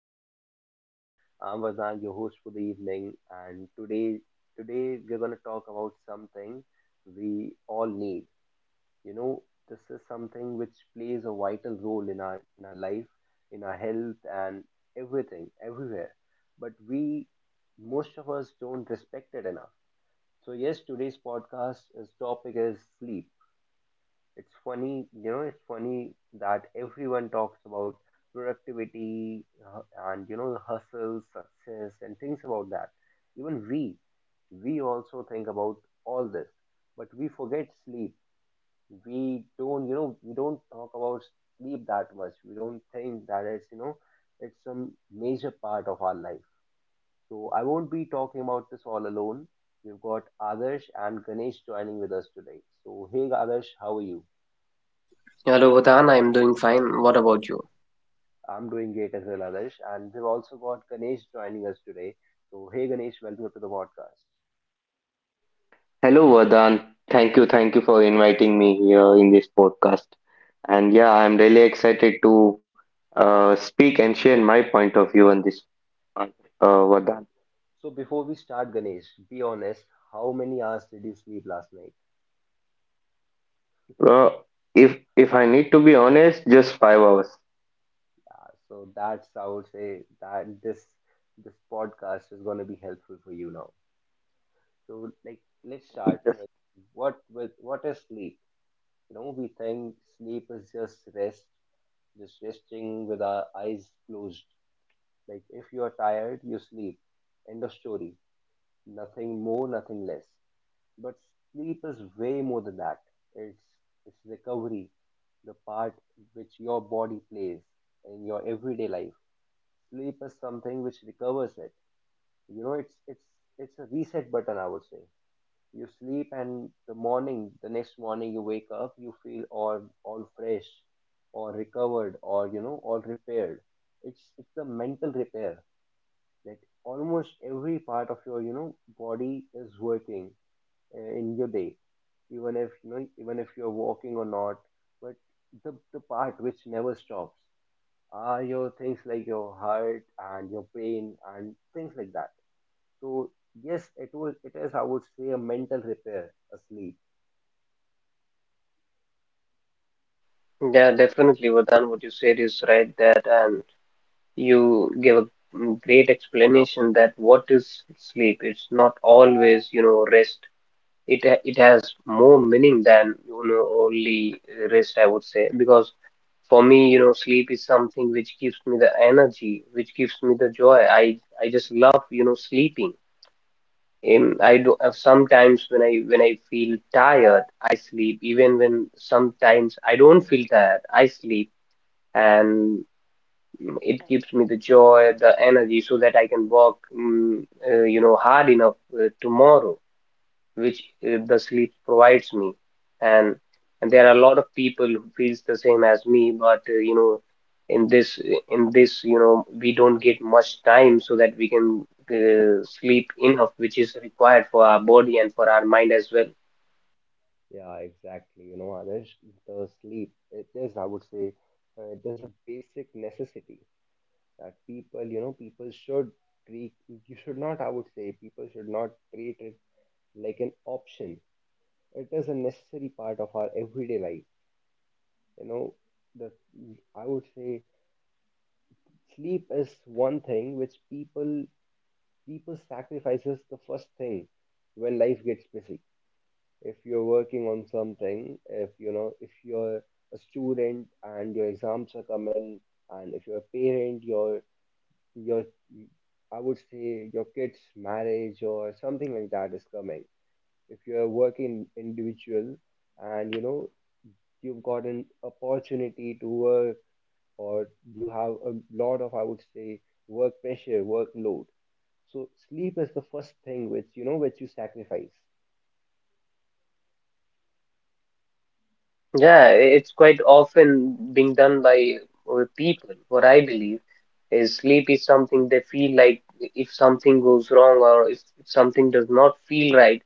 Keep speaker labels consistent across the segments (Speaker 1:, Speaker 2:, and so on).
Speaker 1: the podcast. I'm Vardhan, your host for the evening, and today we're gonna talk about something we all need. You know, this is something which plays a vital role in our life, in our health, and everything, everywhere. But most of us, don't respect it enough. So yes, today's podcast is topic is sleep. It's funny. It's funny that everyone talks about productivity, and, the hustle, success, and things about that. Even we, we also think about all this, but we forget sleep. We don't, we don't talk about sleep that much. We don't think that it's it's some major part of our life. So I won't be talking about this all alone. We've got Adarsh and Ganesh joining with us today. So, hey Adarsh, how are you?
Speaker 2: Hello, Vadan. I'm doing fine. What about you?
Speaker 1: I'm doing great as well, Adarsh. And we've also got Ganesh joining us today. So, hey Ganesh, welcome to the podcast.
Speaker 3: Hello, Vardhan. Thank you for inviting me here in this podcast. And yeah, I'm really excited to speak and share my point of view on this,
Speaker 1: Yeah. So,
Speaker 3: Vardhan.
Speaker 1: so before we start, Ganesh, be honest, how many hours did you sleep last night?
Speaker 3: Uh, if I need to be honest, just 5 hours.
Speaker 1: So that's, I would say, that this podcast is going to be helpful for you now. So, like, let's start with what is sleep? You know, we think sleep is just rest, just resting with our eyes closed. Like, if you are tired, you sleep. End of story. Nothing more, nothing less. But sleep is way more than that. It's it's recovery, the part which your body plays in your everyday life. Sleep is something which recovers it. You know, it's a reset button, I would say. You sleep and the next morning you wake up, you feel all fresh or recovered or all repaired. It's the mental repair that almost every part of your body is working, in your day, even if you're walking or not, but the part which never stops are your things like your heart and your pain and things like that. So yes, it is, I would say, a mental repair, a sleep.
Speaker 2: Yeah, definitely, Vardhan, what you said is right. that and you gave a great explanation that what is sleep? It's not always, you know, rest. It has more meaning than, you know, only rest, I would say, because for me, you know, sleep is something which gives me the energy, which gives me the joy. I just love, you know, sleeping. In I do, sometimes when I feel tired, I sleep. Even when sometimes I don't feel tired, I sleep, and it gives me the joy, the energy, so that I can work, you know, hard enough tomorrow, which, the sleep provides me. And, and there are a lot of people who feels the same as me, but, you know, in this in this you know, we don't get much time so that we can sleep enough, which is required for our body and for our mind as well.
Speaker 1: Yeah, exactly. You know, Adarsh, the sleep it is I would say, it is a basic necessity that people you know people should treat you should not I would say people should not treat it like an option. It is a necessary part of our everyday life. You know the I would say Sleep is one thing which people sacrifices the first thing when life gets busy. If you're working on something, if you know if you're a student and your exams are coming, and if you're a parent, your I would say your kids marriage or something like that is coming. If you're a working individual and you've got an opportunity to work, or you have a lot of, I would say, work pressure, workload, so sleep is the first thing which which you sacrifice.
Speaker 2: Yeah, it's quite often being done by people. What I believe is sleep is something they feel like if something goes wrong or if something does not feel right,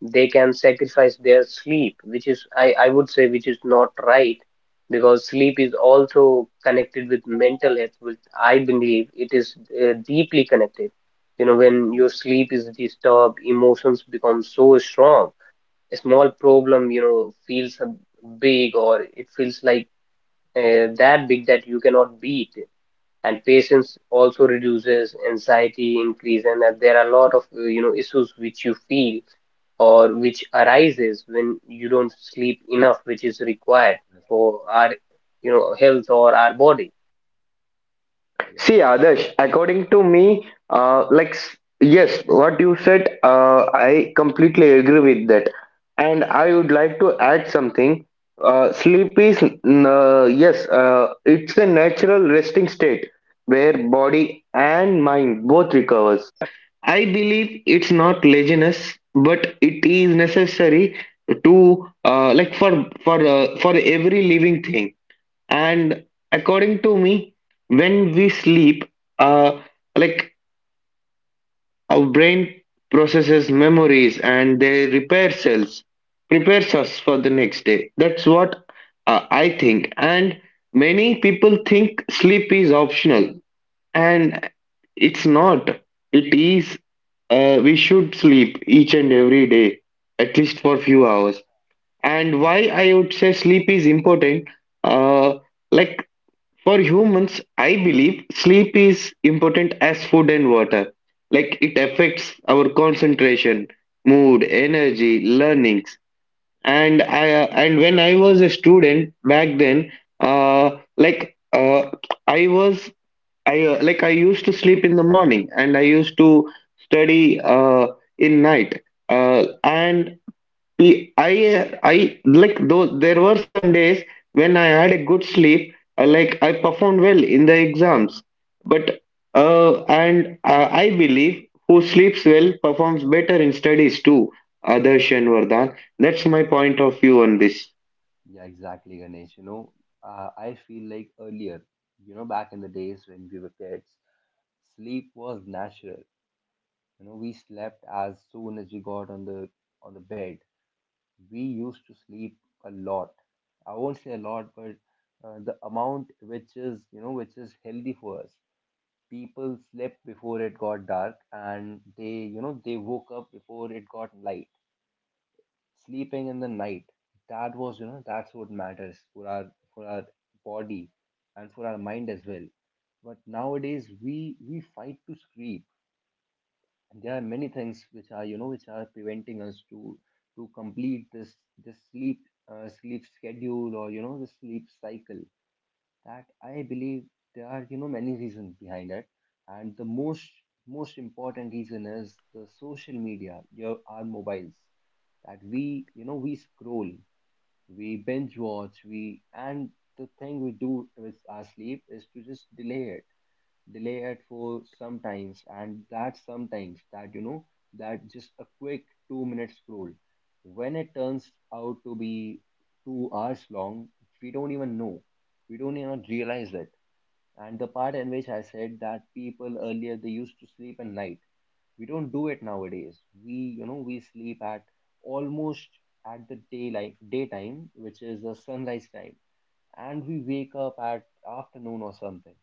Speaker 2: they can sacrifice their sleep, which is, I would say, which is not right, because sleep is also connected with mental health, which I believe it is, deeply connected. You know, when your sleep is disturbed, emotions become so strong. A small problem, you know, feels a big, or it feels like, that big, that you cannot beat. And patience also reduces, anxiety increase, and that there are a lot of, you know, issues which you feel or which arises when you don't sleep enough, which is required
Speaker 1: Exactly.
Speaker 2: for our, you know, health or our body.
Speaker 1: Yeah,
Speaker 3: See, Adarsh, according to me, yes, what you said, I completely agree with that. And I would like to add something. Sleep is, yes, it's a natural resting state where body and mind both recovers. I believe it's not laziness, but it is necessary to, for for every living thing. And according to me, when we sleep, uh, like our brain processes memories and they repair cells, prepares us for the next day. That's what I think. And many people think sleep is optional, and it's not. It is, we should sleep each and every day, at least for few hours. And
Speaker 1: I,
Speaker 3: why I would say sleep is important, uh, like for humans, I believe sleep is important as food and water. Like it affects our concentration, mood, energy, learnings. And I and when I was a student back then, uh, like I was I like I used to sleep in the morning and I used to study in night. And we- I like those. There were some days when I had a good sleep. Like I performed well in the exams, but and I believe who sleeps well performs better in studies too. Adarsh and Vardhan. That's my
Speaker 1: uh,
Speaker 3: point of view on this.
Speaker 1: yeah, exactly, Ganesh. You know, I feel like earlier, back in the days when we were kids, sleep was natural. You know, we slept as soon as we got on the bed. We used to sleep a lot. I won't say a lot, but the amount which is, which is healthy for us. People slept before it got dark and they, they woke up before it got light. Sleeping in the night, that was, that's what matters for our body and for our mind as well. But nowadays we fight to sleep, and there are many things which are, which are preventing us to complete this sleep, sleep schedule, or the sleep cycle. That I believe there are, many reasons behind it, and the most important reason is the social media, your our mobiles. That we, we scroll, we binge watch, we and the thing we do with our sleep is to just delay it, delay it for sometimes, and that sometimes, that you know that just a quick 2 minute scroll, when it turns out to be 2 hours long, we don't even know, we don't even realize it. And the part in which I said that people earlier they used to sleep at night, we don't do it nowadays. We, we sleep at almost at the daylight daytime, which is the sunrise time, and we wake up at afternoon or something,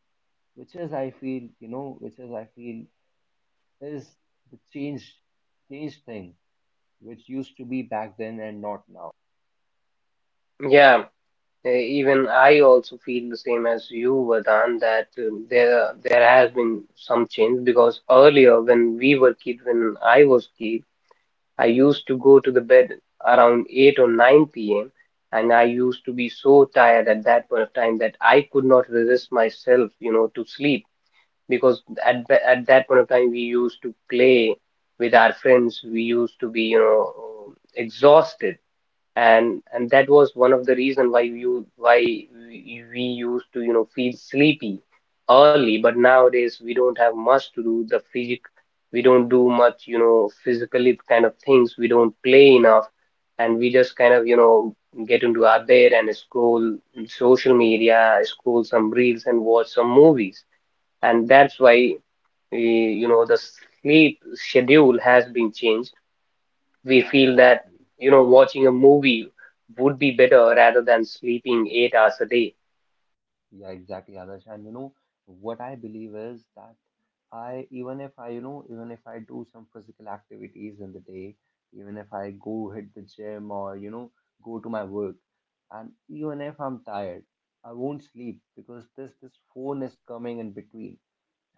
Speaker 1: which is I feel, is the change thing which used to be back then and not now.
Speaker 2: Yeah, even I also feel the same as you, Vardhan, that there has been some change, because earlier when we were kid, when I was kid, I used to go to the bed around 8 or 9 p.m., and I used to be so tired at that point of time that I could not resist myself, you know, to sleep, because at that point of time we used to play with our friends, we used to be, you know, exhausted. And that was one of the reason why we used to, you know, feel sleepy early. But nowadays we don't have much to do. The physic we don't do much, you know, physically kind of things. We don't play enough, and we just kind of, you know, get into our bed and scroll social media, scroll some reels and watch some movies. And that's why, you know, the sleep schedule has been changed. We
Speaker 1: Yeah,
Speaker 2: feel that,
Speaker 1: exactly.
Speaker 2: you know, watching a movie would be better rather than sleeping 8 hours a day.
Speaker 1: Yeah, exactly, Adarsh. And you know what I believe is that, I even if I, even if I do some physical activities in the day, even if I go hit the gym or go to my work, and even if I'm tired, I won't sleep because this phone is coming in between,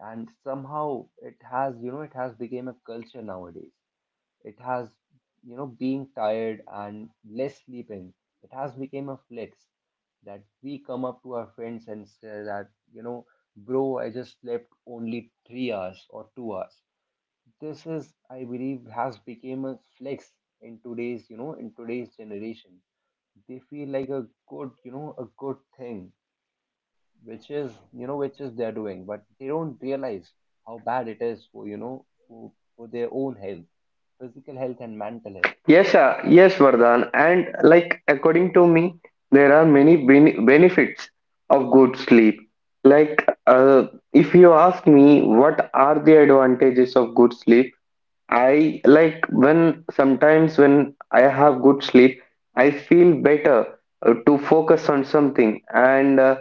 Speaker 1: and somehow it has, it has become a culture nowadays. It has, being tired and less sleeping, it has become a flex that we come up to our friends and say that, bro, I just slept only 3 hours or 2 hours. This, is, I believe, has become a flex in today's generation. They feel like a good, a good thing, which is, which is they're doing, but they don't realize how bad it is for, you know, for their own health, physical health and mental health.
Speaker 3: Yes, yes, Vardhan. And like according to me, there are many benefits of good sleep. Like uh, if you ask me what are the advantages of good sleep, I like when sometimes when I have good sleep, I feel better to focus on something. And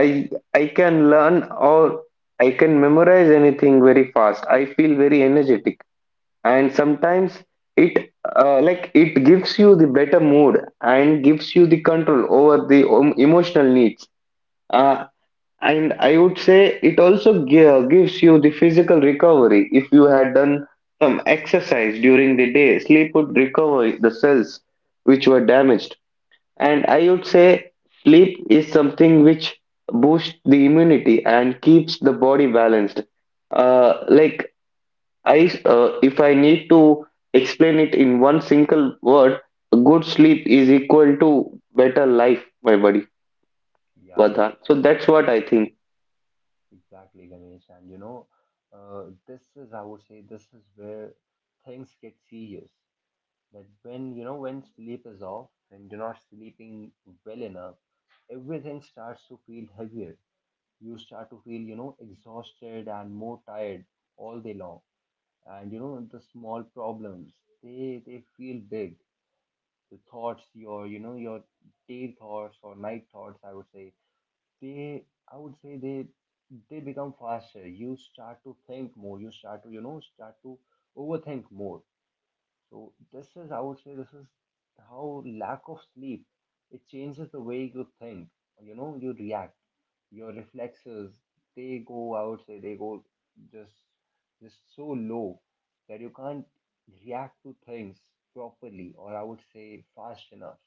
Speaker 3: I I can learn or I can memorize anything very fast. I feel very energetic, and sometimes it it gives you the better mood and gives you the control over the emotional needs. Uh, and I would say it also gives you the physical recovery. If you had done some exercise during the day, sleep would recover the cells which were damaged. And I would say sleep is something which boosts the immunity and keeps the body balanced. uh, like if I need to explain it in one single word, good sleep is equal to better life, my buddy,
Speaker 1: Yeah,
Speaker 3: Vardhan. So that's what I think.
Speaker 1: exactly, Ganesh. And you know, this is, I would say, this is where things get serious. That when, when sleep is off, when you're not sleeping well enough, everything starts to feel heavier. You start to feel, exhausted and more tired all day long. And you know, the small problems, they feel big. The thoughts, your day thoughts or night thoughts, I would say, they I would say they they become faster. You start to think more. You start to, overthink more. So this is, I would say, this is how lack of sleep, it changes the way you think. You know, you react. Your reflexes, they go I would say they go just so low that you can't react to things properly, or I would say fast enough.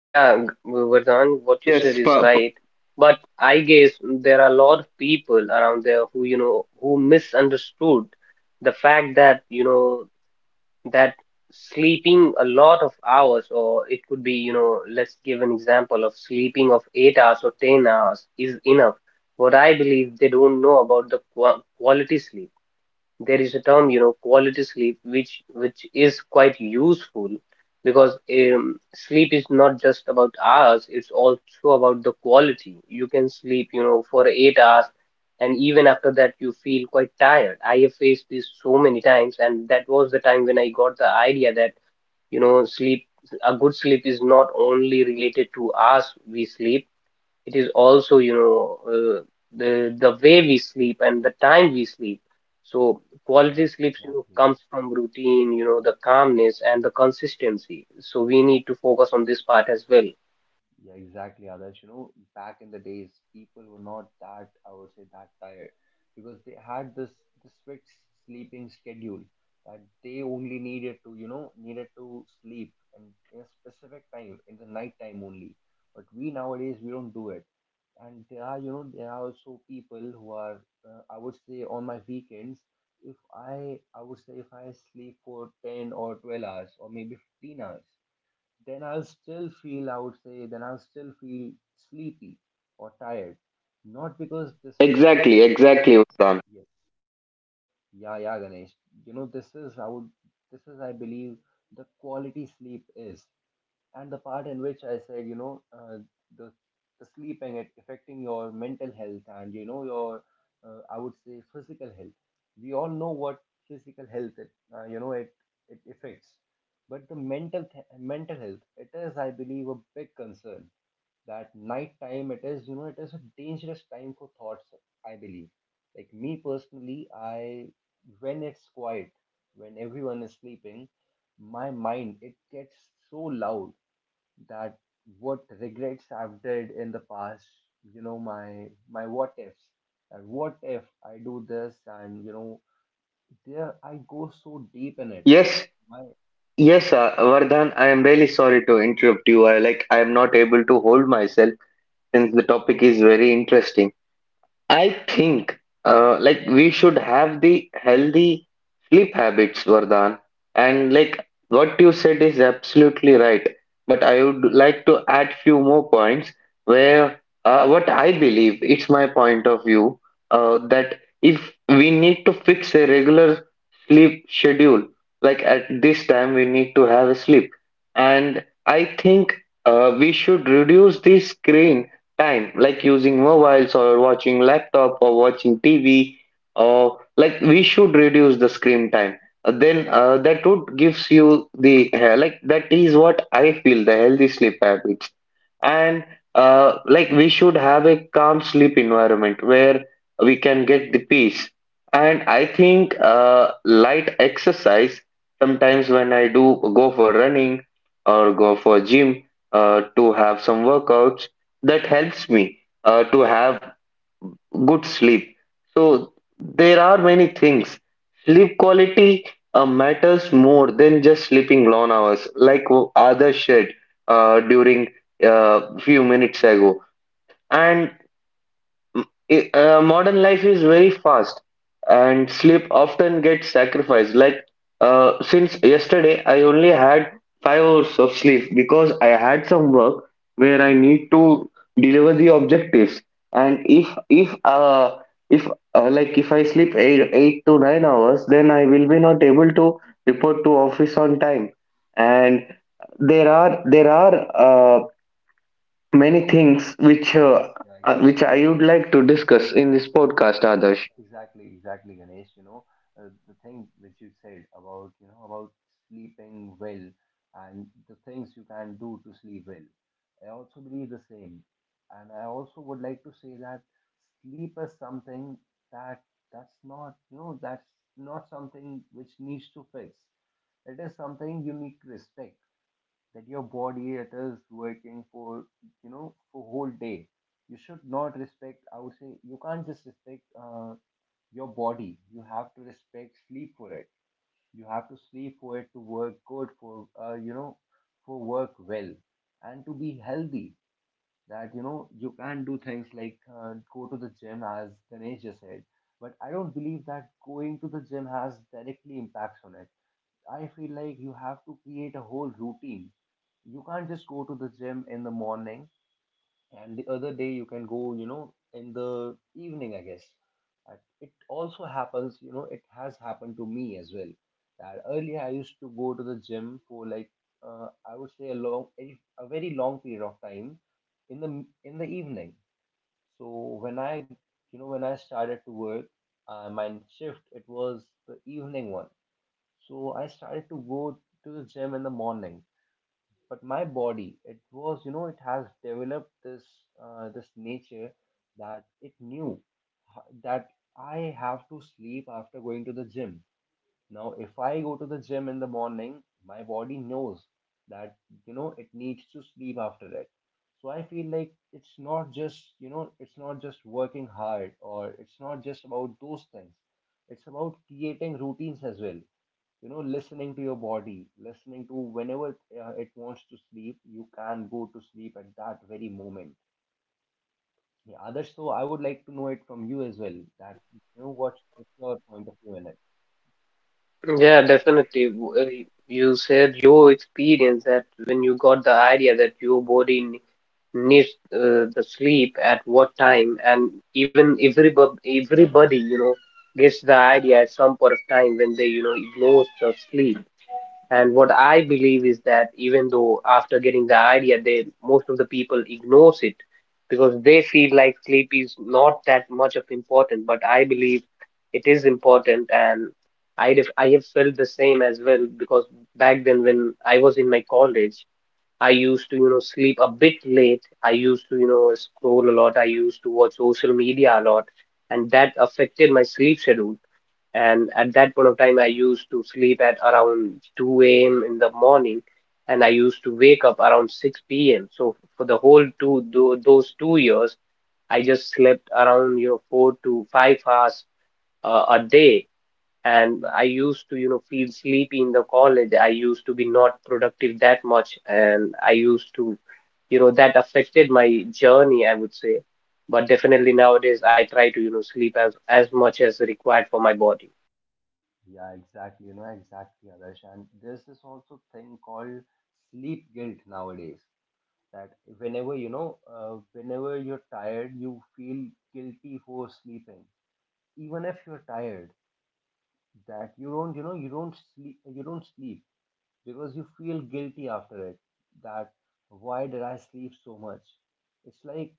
Speaker 2: Yeah, Vardhan,
Speaker 3: Yes,
Speaker 2: what you said
Speaker 3: yes,
Speaker 2: is
Speaker 3: pa- pa-
Speaker 2: right. But I guess there are a lot of people around there who, you know, who misunderstood the fact that, you know, that sleeping a lot of hours, or it could be, you know, let's give an example of sleeping of 8 hours or 10 hours is enough. What I believe, they don't know about the quality sleep. There is a term, you know, quality sleep, which is quite useful, because sleep is not just about hours, it's also about the quality. You can sleep, you know, for 8 hours and even after that you feel quite tired. I have faced this so many times, and that was the time when I got the idea that, you know, sleep, a good sleep is not only related to hours we sleep. It is also, you know, uh, the way we sleep and the time we sleep. So
Speaker 1: Yeah,
Speaker 2: quality sleep, you know,
Speaker 1: exactly.
Speaker 2: comes from routine, you know, the calmness and the consistency, so we need to focus on this part as well.
Speaker 1: Yeah, exactly, Others. You know, back in the days, people were not that, I would say, that tired, because they had this fixed sleeping schedule, that they only needed to, needed to sleep and in a specific time, in the night time only. But we nowadays we don't do it. And there are, there are also people who are, I would say, on my weekends, if I, I would say, if I sleep for 10 or 12 hours or maybe 15 hours, then I'll still feel, I would say, then I'll still feel sleepy or tired. Not because this is,
Speaker 3: Exactly, exactly, Vardhan.
Speaker 1: yes, yeah, Ganesh. You know, this is, I believe, the quality sleep is. And the part in which I said, the, the sleeping, it affecting your mental health and you know your, I would say, physical health. We all know what physical health, it it affects, but the mental health, it is, I believe, a big concern. That night time, it is, it is a dangerous time for thoughts. I believe, like me personally, I when it's quiet, when everyone is sleeping, my mind it gets so loud that what regrets I've did in the past, my what ifs. And what if I do this, and you know there I go so deep in it.
Speaker 3: Yes,
Speaker 1: My
Speaker 3: yes, Vardhan. I am really sorry to interrupt you. I am not able to hold myself since the topic is very interesting. I think we should have the healthy sleep habits, Vardhan. And like what you said is absolutely right. But I would like to add few more points where, what I believe, it's my point of view, that if we need to fix a regular sleep schedule, like at this time we need to have a sleep. And I think we should reduce the screen time, like using mobiles or watching laptop or watching TV, or like we should reduce the screen time. Then that would gives you the that is what I feel the healthy sleep habits. And we should have a calm sleep environment where we can get the peace. And I think light exercise, sometimes when I do go for running or go for gym to have some workouts, that helps me to have good sleep. So there are many things. Sleep quality matters more than just sleeping long hours, like others said during a few minutes ago. And modern life is very fast, and sleep often gets sacrificed. Like since yesterday I only had 5 hours of sleep because I had some work where I need to deliver the objectives. And if if I sleep eight, 8 to 9 hours, then I will be not able to report to office on time. And there are uh, many things
Speaker 1: yeah,
Speaker 3: which
Speaker 1: exactly.
Speaker 3: I would like to discuss in this podcast, Adarsh.
Speaker 1: Exactly, Ganesh. You know, the thing which you said about, about sleeping well and the things you can do to sleep well, I also believe the same. And I also would like to say that sleep is something that that's not something which needs to fix. It is something you need to respect, that your body it is working for, for whole day. You should not respect, I would say, you can't just respect, your body. You have to respect sleep for it. You have to sleep for it to work good for, for work well, and to be healthy. That you know you can do things like, go to the gym, as Ganesh just said, but I don't believe that going to the gym has directly impacts on it. I feel like you have to create a whole routine. You can't just go to the gym in the morning and the other day you can go, in the evening, I guess. And it also happens, it has happened to me as well, that earlier I used to go to the gym for like, I would say a long a very long period of time in the in the evening. So when I you know when I started to work, my shift, it was the evening one, so I started to go to the gym in the morning. But my body, it was, it has developed this, this nature, that it knew that I have to sleep after going to the gym. Now if I go to the gym in the morning, my body knows that, it needs to sleep after it. So I feel like it's not just, it's not just working hard, or it's not just about those things. It's about creating routines as well, you know, listening to your body, listening to whenever it wants to sleep, you can go to sleep at that very moment. Yeah, Others, so I would like to know it from you as well, that you know what's your point of view in it.
Speaker 2: Yeah, definitely. You said your experience that when you got the idea that your body needs, the sleep at what time. And even everybody, you know, gets the idea at some point of time when they, you know, ignores the sleep. And what I believe is that even though after getting the idea, they, most of the people ignores it, because they feel like sleep is not that much of important. But I believe it is important. And I have felt the same as well, because back then when I was in my college, I used to, you know, sleep a bit late. I used to, you know, scroll a lot. I used to watch social media a lot, and that affected my sleep schedule. And at that point of time, I used to sleep at around 2 a.m. in the morning, and I used to wake up around 6 p.m. So for the whole those 2 years, I just slept around, you know, 4 to 5 hours, a day, and I used to, you know, feel sleepy in the college. I used to be not productive that much, and I used to, you know, that affected my journey, I would say. But definitely nowadays, I try to, you know, sleep as much as required for my body.
Speaker 1: Yeah, exactly, you know, exactly, Others. And there's this also thing called sleep guilt nowadays, that whenever, whenever you're tired, you feel guilty for sleeping, even if you're tired. That you don't, you know, you don't sleep, you don't sleep, because you feel guilty after it, that why did I sleep so much. It's like,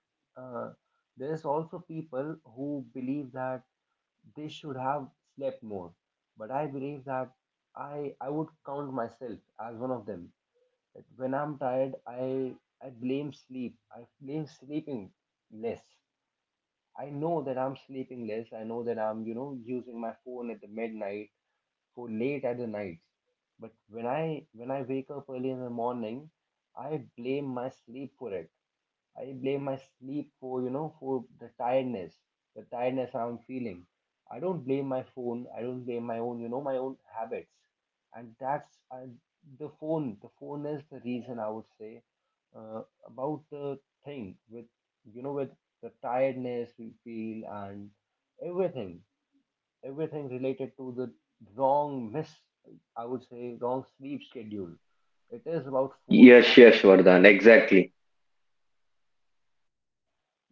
Speaker 1: uh, there's also people who believe that they should have slept more. But I believe that I would count myself as one of them, that when I'm tired, I blame sleep, I blame sleeping less. I know that I'm sleeping less, I know that I'm, you know, using my phone at the midnight, for late at the night. But when I wake up early in the morning, I blame my sleep for it. I blame my sleep for, you know, for the tiredness I'm feeling. I don't blame my phone, I don't blame my own, you know, my own habits. And that's, the phone. The phone is the reason, I would say, about the thing with, you know, with the tiredness we feel, and everything everything related to the wrong miss, I would say, wrong sleep schedule. It is about phone
Speaker 3: Yes,
Speaker 1: after.
Speaker 3: yes, Vardhan, exactly.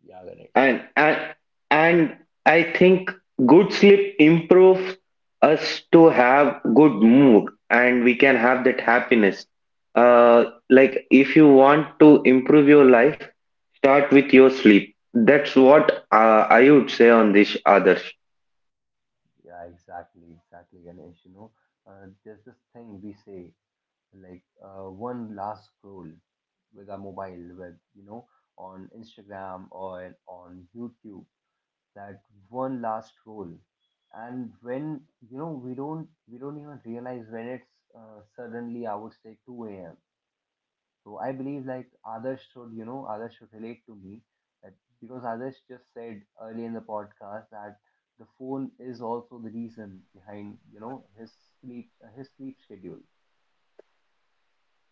Speaker 1: Yeah, Ganesh.
Speaker 3: And and and I think good sleep improves us to have good mood and we can have that happiness. Uh, if you want to improve your life, start with your sleep. That's what I would say on this, Others.
Speaker 1: Yeah, exactly, exactly, Ganesh. You know, there's this thing we say, like, one last scroll with our mobile, with, you know, on Instagram or on YouTube. That one last scroll, and when, you know, we don't even realize when it's, suddenly, I would say, 2 a.m. So I believe like Others should, you know, Others should relate to me, that because Others just said earlier in the podcast that the phone is also the reason behind, you know, his sleep, his sleep schedule.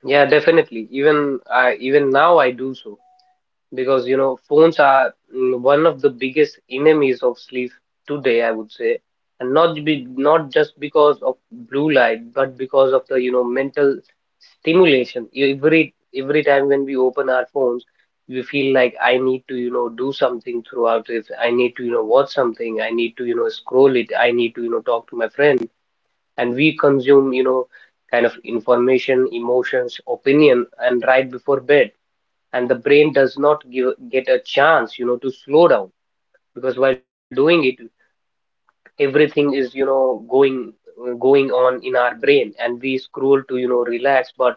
Speaker 2: Yeah, definitely. Even I, even now I do so, because, you know, phones are, one of the biggest enemies of sleep today, I would say, and not be not just because of blue light, but because of the, you know, mental stimulation. Every time when we open our phones, we feel like I need to, you know, do something throughout it. I need to, you know, watch something. I need to, you know, scroll it. I need to, you know, talk to my friend. And we consume, you know, kind of information, emotions, opinion, and right before bed. And the brain does not give get a chance, you know, to slow down, because while doing it, everything is, you know, going on in our brain, and we scroll to, you know, relax, but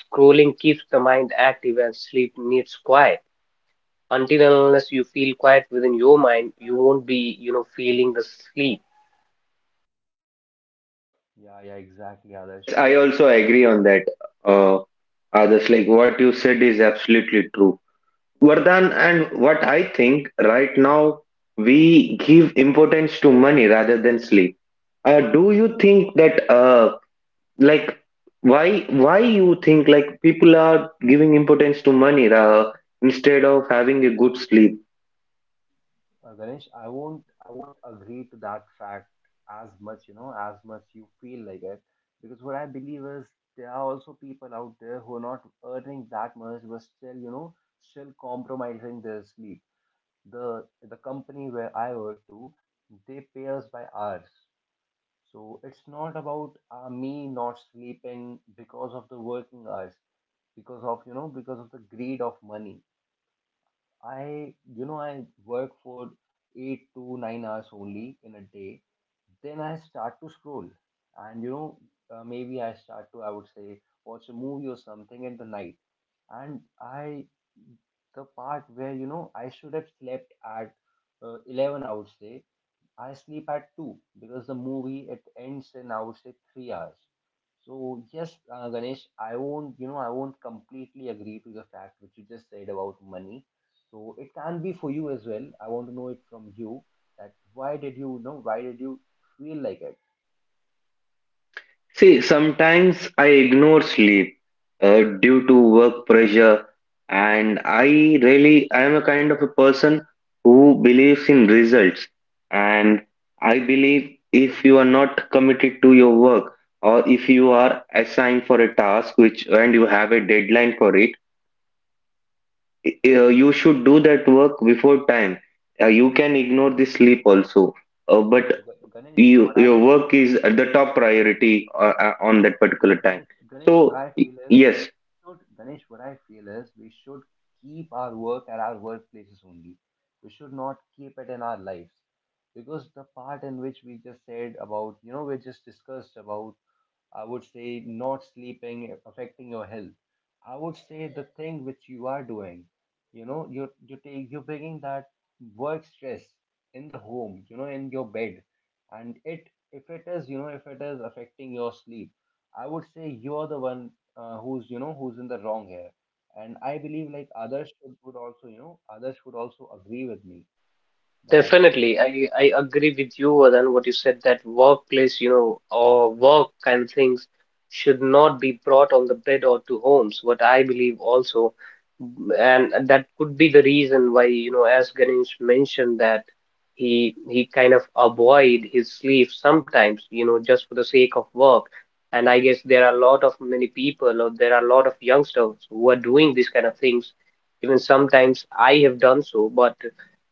Speaker 2: scrolling keeps the mind active, and sleep needs quiet. Until and unless you feel quiet within your mind, you won't be, you know, feeling the sleep.
Speaker 1: Yeah, yeah, exactly,
Speaker 3: Yes, yes,
Speaker 1: Adarsh. You
Speaker 3: I
Speaker 1: know,
Speaker 3: also agree on that. Uh, Others, like what you said is absolutely true. Vardhan, and what I think right now, we give importance to money rather than sleep. Do you think that like why you think like people are giving importance to money instead of having a good sleep?
Speaker 1: Ganesh, I won't agree to that fact as much, you know, as much you feel like it. Because what I believe is, there are also people out there who are not earning that much, but still, you know, still compromising their sleep. The company where I work to, they pay us by hours. So it's not about, me not sleeping because of the working hours, because of, you know, because of the greed of money. I, you know, I work for 8 to 9 hours only in a day. Then I start to scroll, and, you know, maybe I start to, I would say, watch a movie or something in the night. And I, the part where, you know, I should have slept at, 11, I would say, I sleep at 2 because the movie it ends in, I would say, 3 hours. So yes, Ganesh, I won't, you know, I won't completely agree to the fact which you just said about money. So it can be for you as well. I want to know it from you, that why did you, you know, why did you feel like it?
Speaker 3: See, sometimes I ignore sleep due to work pressure. And I am a kind of a person who believes in results. And I believe if you are not committed to your work, or if you are assigned for a task which and you have a deadline for it, you should do that work before time. You can ignore the sleep also, but
Speaker 1: So, Ganesh,
Speaker 3: you,
Speaker 1: what I,
Speaker 3: your work is at the top priority on that
Speaker 1: no,
Speaker 3: particular time.
Speaker 1: Ganesh, what
Speaker 3: So
Speaker 1: I feel is,
Speaker 3: yes.
Speaker 1: should, Ganesh, what I feel is, we should keep our work at our workplaces only. We should not keep it in our lives. Because the part in which we just said about, you know, we just discussed about, I would say, not sleeping, affecting your health. I would say the thing which you are doing, you know, you're you take you're bringing that work stress in the home, you know, in your bed, and it, if it is, you know, if it is affecting your sleep, I would say you're the one, who's, you know, who's in the wrong here. And I believe like Others should, would also, you know, Others would also agree with me that,
Speaker 2: Definitely, I agree with you, Vadan, what you said, that workplace, you know, or work kind of things should not be brought on the bed or to homes, what I believe also. And that could be the reason why, you know, as Ganesh mentioned, that he kind of avoid his sleep sometimes, you know, just for the sake of work. And I guess there are a lot of many people, or there are a lot of youngsters who are doing these kind of things. Even sometimes I have done so, but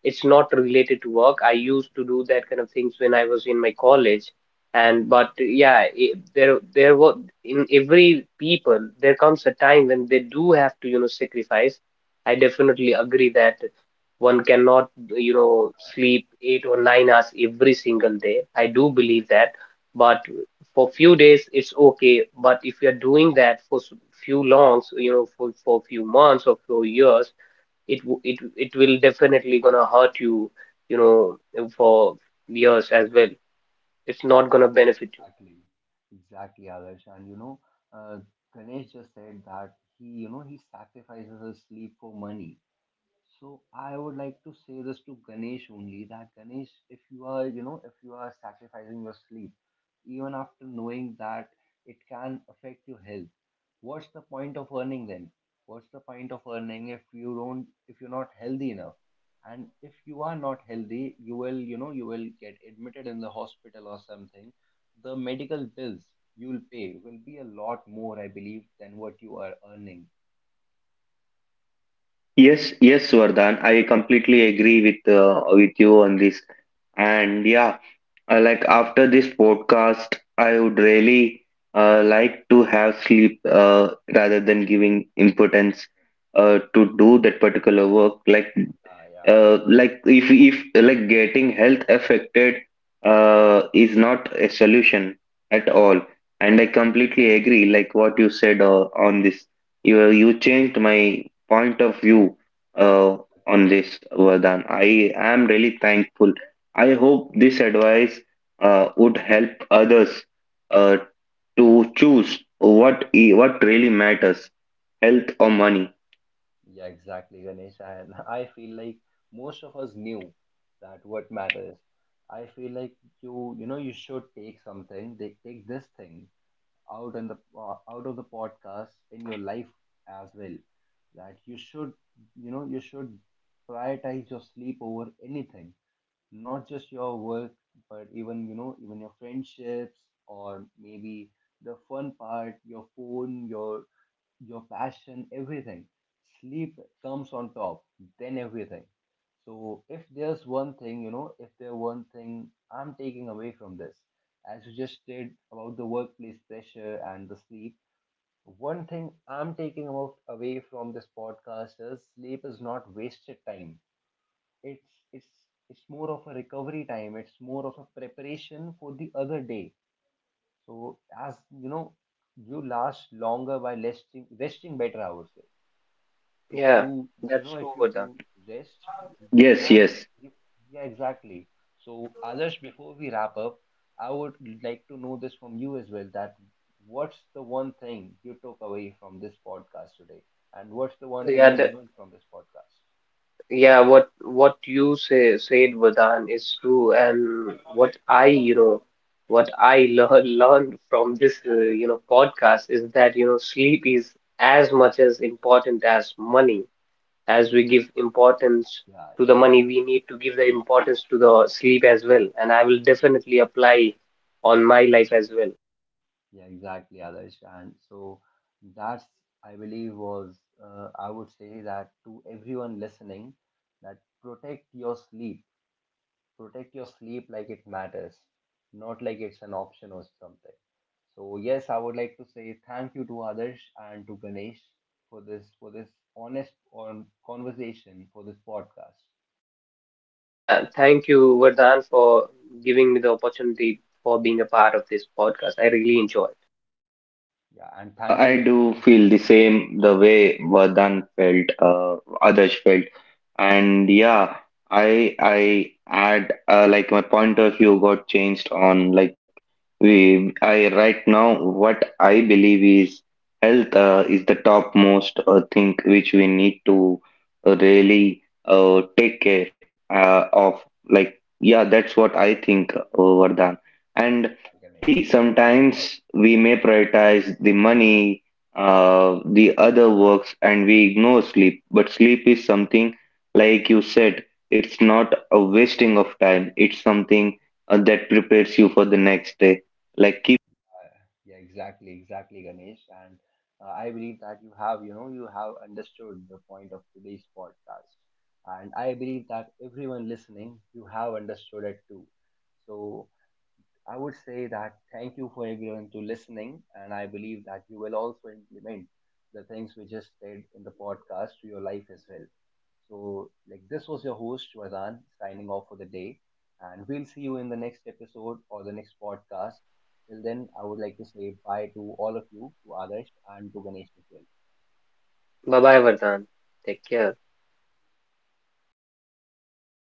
Speaker 2: it's not related to work. I used to do that kind of things when I was in my college. And but yeah, it, there was in every people there comes a time when they do have to, you know, sacrifice. I definitely agree that one cannot, you know, sleep 8 or 9 hours every single day. I do believe that, but for few days it's okay. But if you're doing that for few longs, you know, for few months or few years, it it will definitely gonna hurt you, you know, for years as well. It's not gonna benefit you.
Speaker 1: exactly, exactly, Adarsh. And you know, uh, Ganesh just said that he, you know, he sacrifices his sleep for money. So I would like to say this to Ganesh only, that Ganesh, if you are, you know, if you are sacrificing your sleep, even after knowing that it can affect your health, what's the point of earning then? What's the point of earning if you don't, if you're not healthy enough? And if you are not healthy, you will, you know, you will get admitted in the hospital or something. The medical bills you'll pay will be a lot more, I believe, than what you are earning.
Speaker 3: Yes, yes, Vardhan, I completely agree with, with you on this. And yeah, after this podcast I would really like to have sleep, rather than giving importance to do that particular work. like
Speaker 1: Yeah,
Speaker 3: uh, like if if like getting health affected is not a solution at all. And I completely agree like what you said on this. You
Speaker 1: yeah.
Speaker 3: changed my point of view uh, on this, Vardhan. I am really thankful. I hope this advice would help others uh, to choose what really matters, health or money.
Speaker 1: Yeah, exactly, Ganesh. And I feel like most of us knew that what matters. I feel like you know, you should take something, take, take this thing out in the, out of the podcast in your life as well. That you should, you know, you should prioritize your sleep over anything, not just your work, but even, you know, even your friendships, or maybe the fun part, your phone, your passion, everything. Sleep comes on top, then everything. So if there's one thing, you know, if there one thing I'm taking away from this, as you just did about the workplace pressure and the sleep, one thing I'm taking about away from this podcast is, sleep is not wasted time. It's it's it's more of a recovery time. It's more of a preparation for the other day. So as you know, you last longer by resting better, I would say, if you,
Speaker 2: Yeah,
Speaker 1: you
Speaker 2: that's
Speaker 1: know, if
Speaker 2: true,
Speaker 1: you
Speaker 2: Vardhan.
Speaker 1: do rest, you
Speaker 3: Yes,
Speaker 1: can you,
Speaker 3: yes.
Speaker 1: you, yeah, exactly. So Others, before we wrap up, I would like to know this from you as well, that what's the one thing you took away from this podcast today, and what's the one thing
Speaker 2: Yeah,
Speaker 1: you learned from this podcast.
Speaker 2: what you say said, Vardhan, is true, and what I, you know, what I learned from this, you know, podcast is that, you know, sleep is as much as important as money. As we give importance
Speaker 1: Yeah,
Speaker 2: to
Speaker 1: yeah,
Speaker 2: the money, we need to give the importance to the sleep as well. And I will definitely apply on my life as well.
Speaker 1: yeah, exactly, Others. And so, that's, I believe was, I would say, that to everyone listening, that protect your sleep, protect your sleep like it matters, not like it's an option or something. So yes, I would like to say thank you to Adarsh and to Ganesh for this, for this honest on conversation, for this podcast.
Speaker 2: Yeah, thank you, Vardhan, for giving me the opportunity for being a part of this podcast. I really enjoyed.
Speaker 1: Yeah, and thank
Speaker 3: I
Speaker 1: you,
Speaker 3: do
Speaker 1: Ganesh.
Speaker 3: feel the same the way Vardhan felt, others felt. And yeah, I add like my point of view got changed on, like, we I right now what I believe is health is the topmost thing which we need to really take care of. Like yeah, that's what I think, Vardhan. And
Speaker 1: Yeah,
Speaker 3: see,
Speaker 1: Ganesh.
Speaker 3: sometimes we may prioritize the money, the other works, and we ignore sleep. But sleep is something, like you said, it's not a wasting of time. It's something that prepares you for the next day. Like keep.
Speaker 1: Yeah, exactly, exactly, Ganesh. And, I believe that you have, you know, you have understood the point of today's podcast. And I believe that everyone listening, you have understood it too. So I would say that thank you for everyone to listening, and I believe that you will also implement the things we just said in the podcast to your life as well. So, like, this was your host Vardhan signing off for the day, and we'll see you in the next episode or the next podcast. Till then, I would like to say bye to all of you, to Adarsh and to Ganesh as well.
Speaker 2: Bye bye, Vardhan. Take care.
Speaker 3: Bye bye.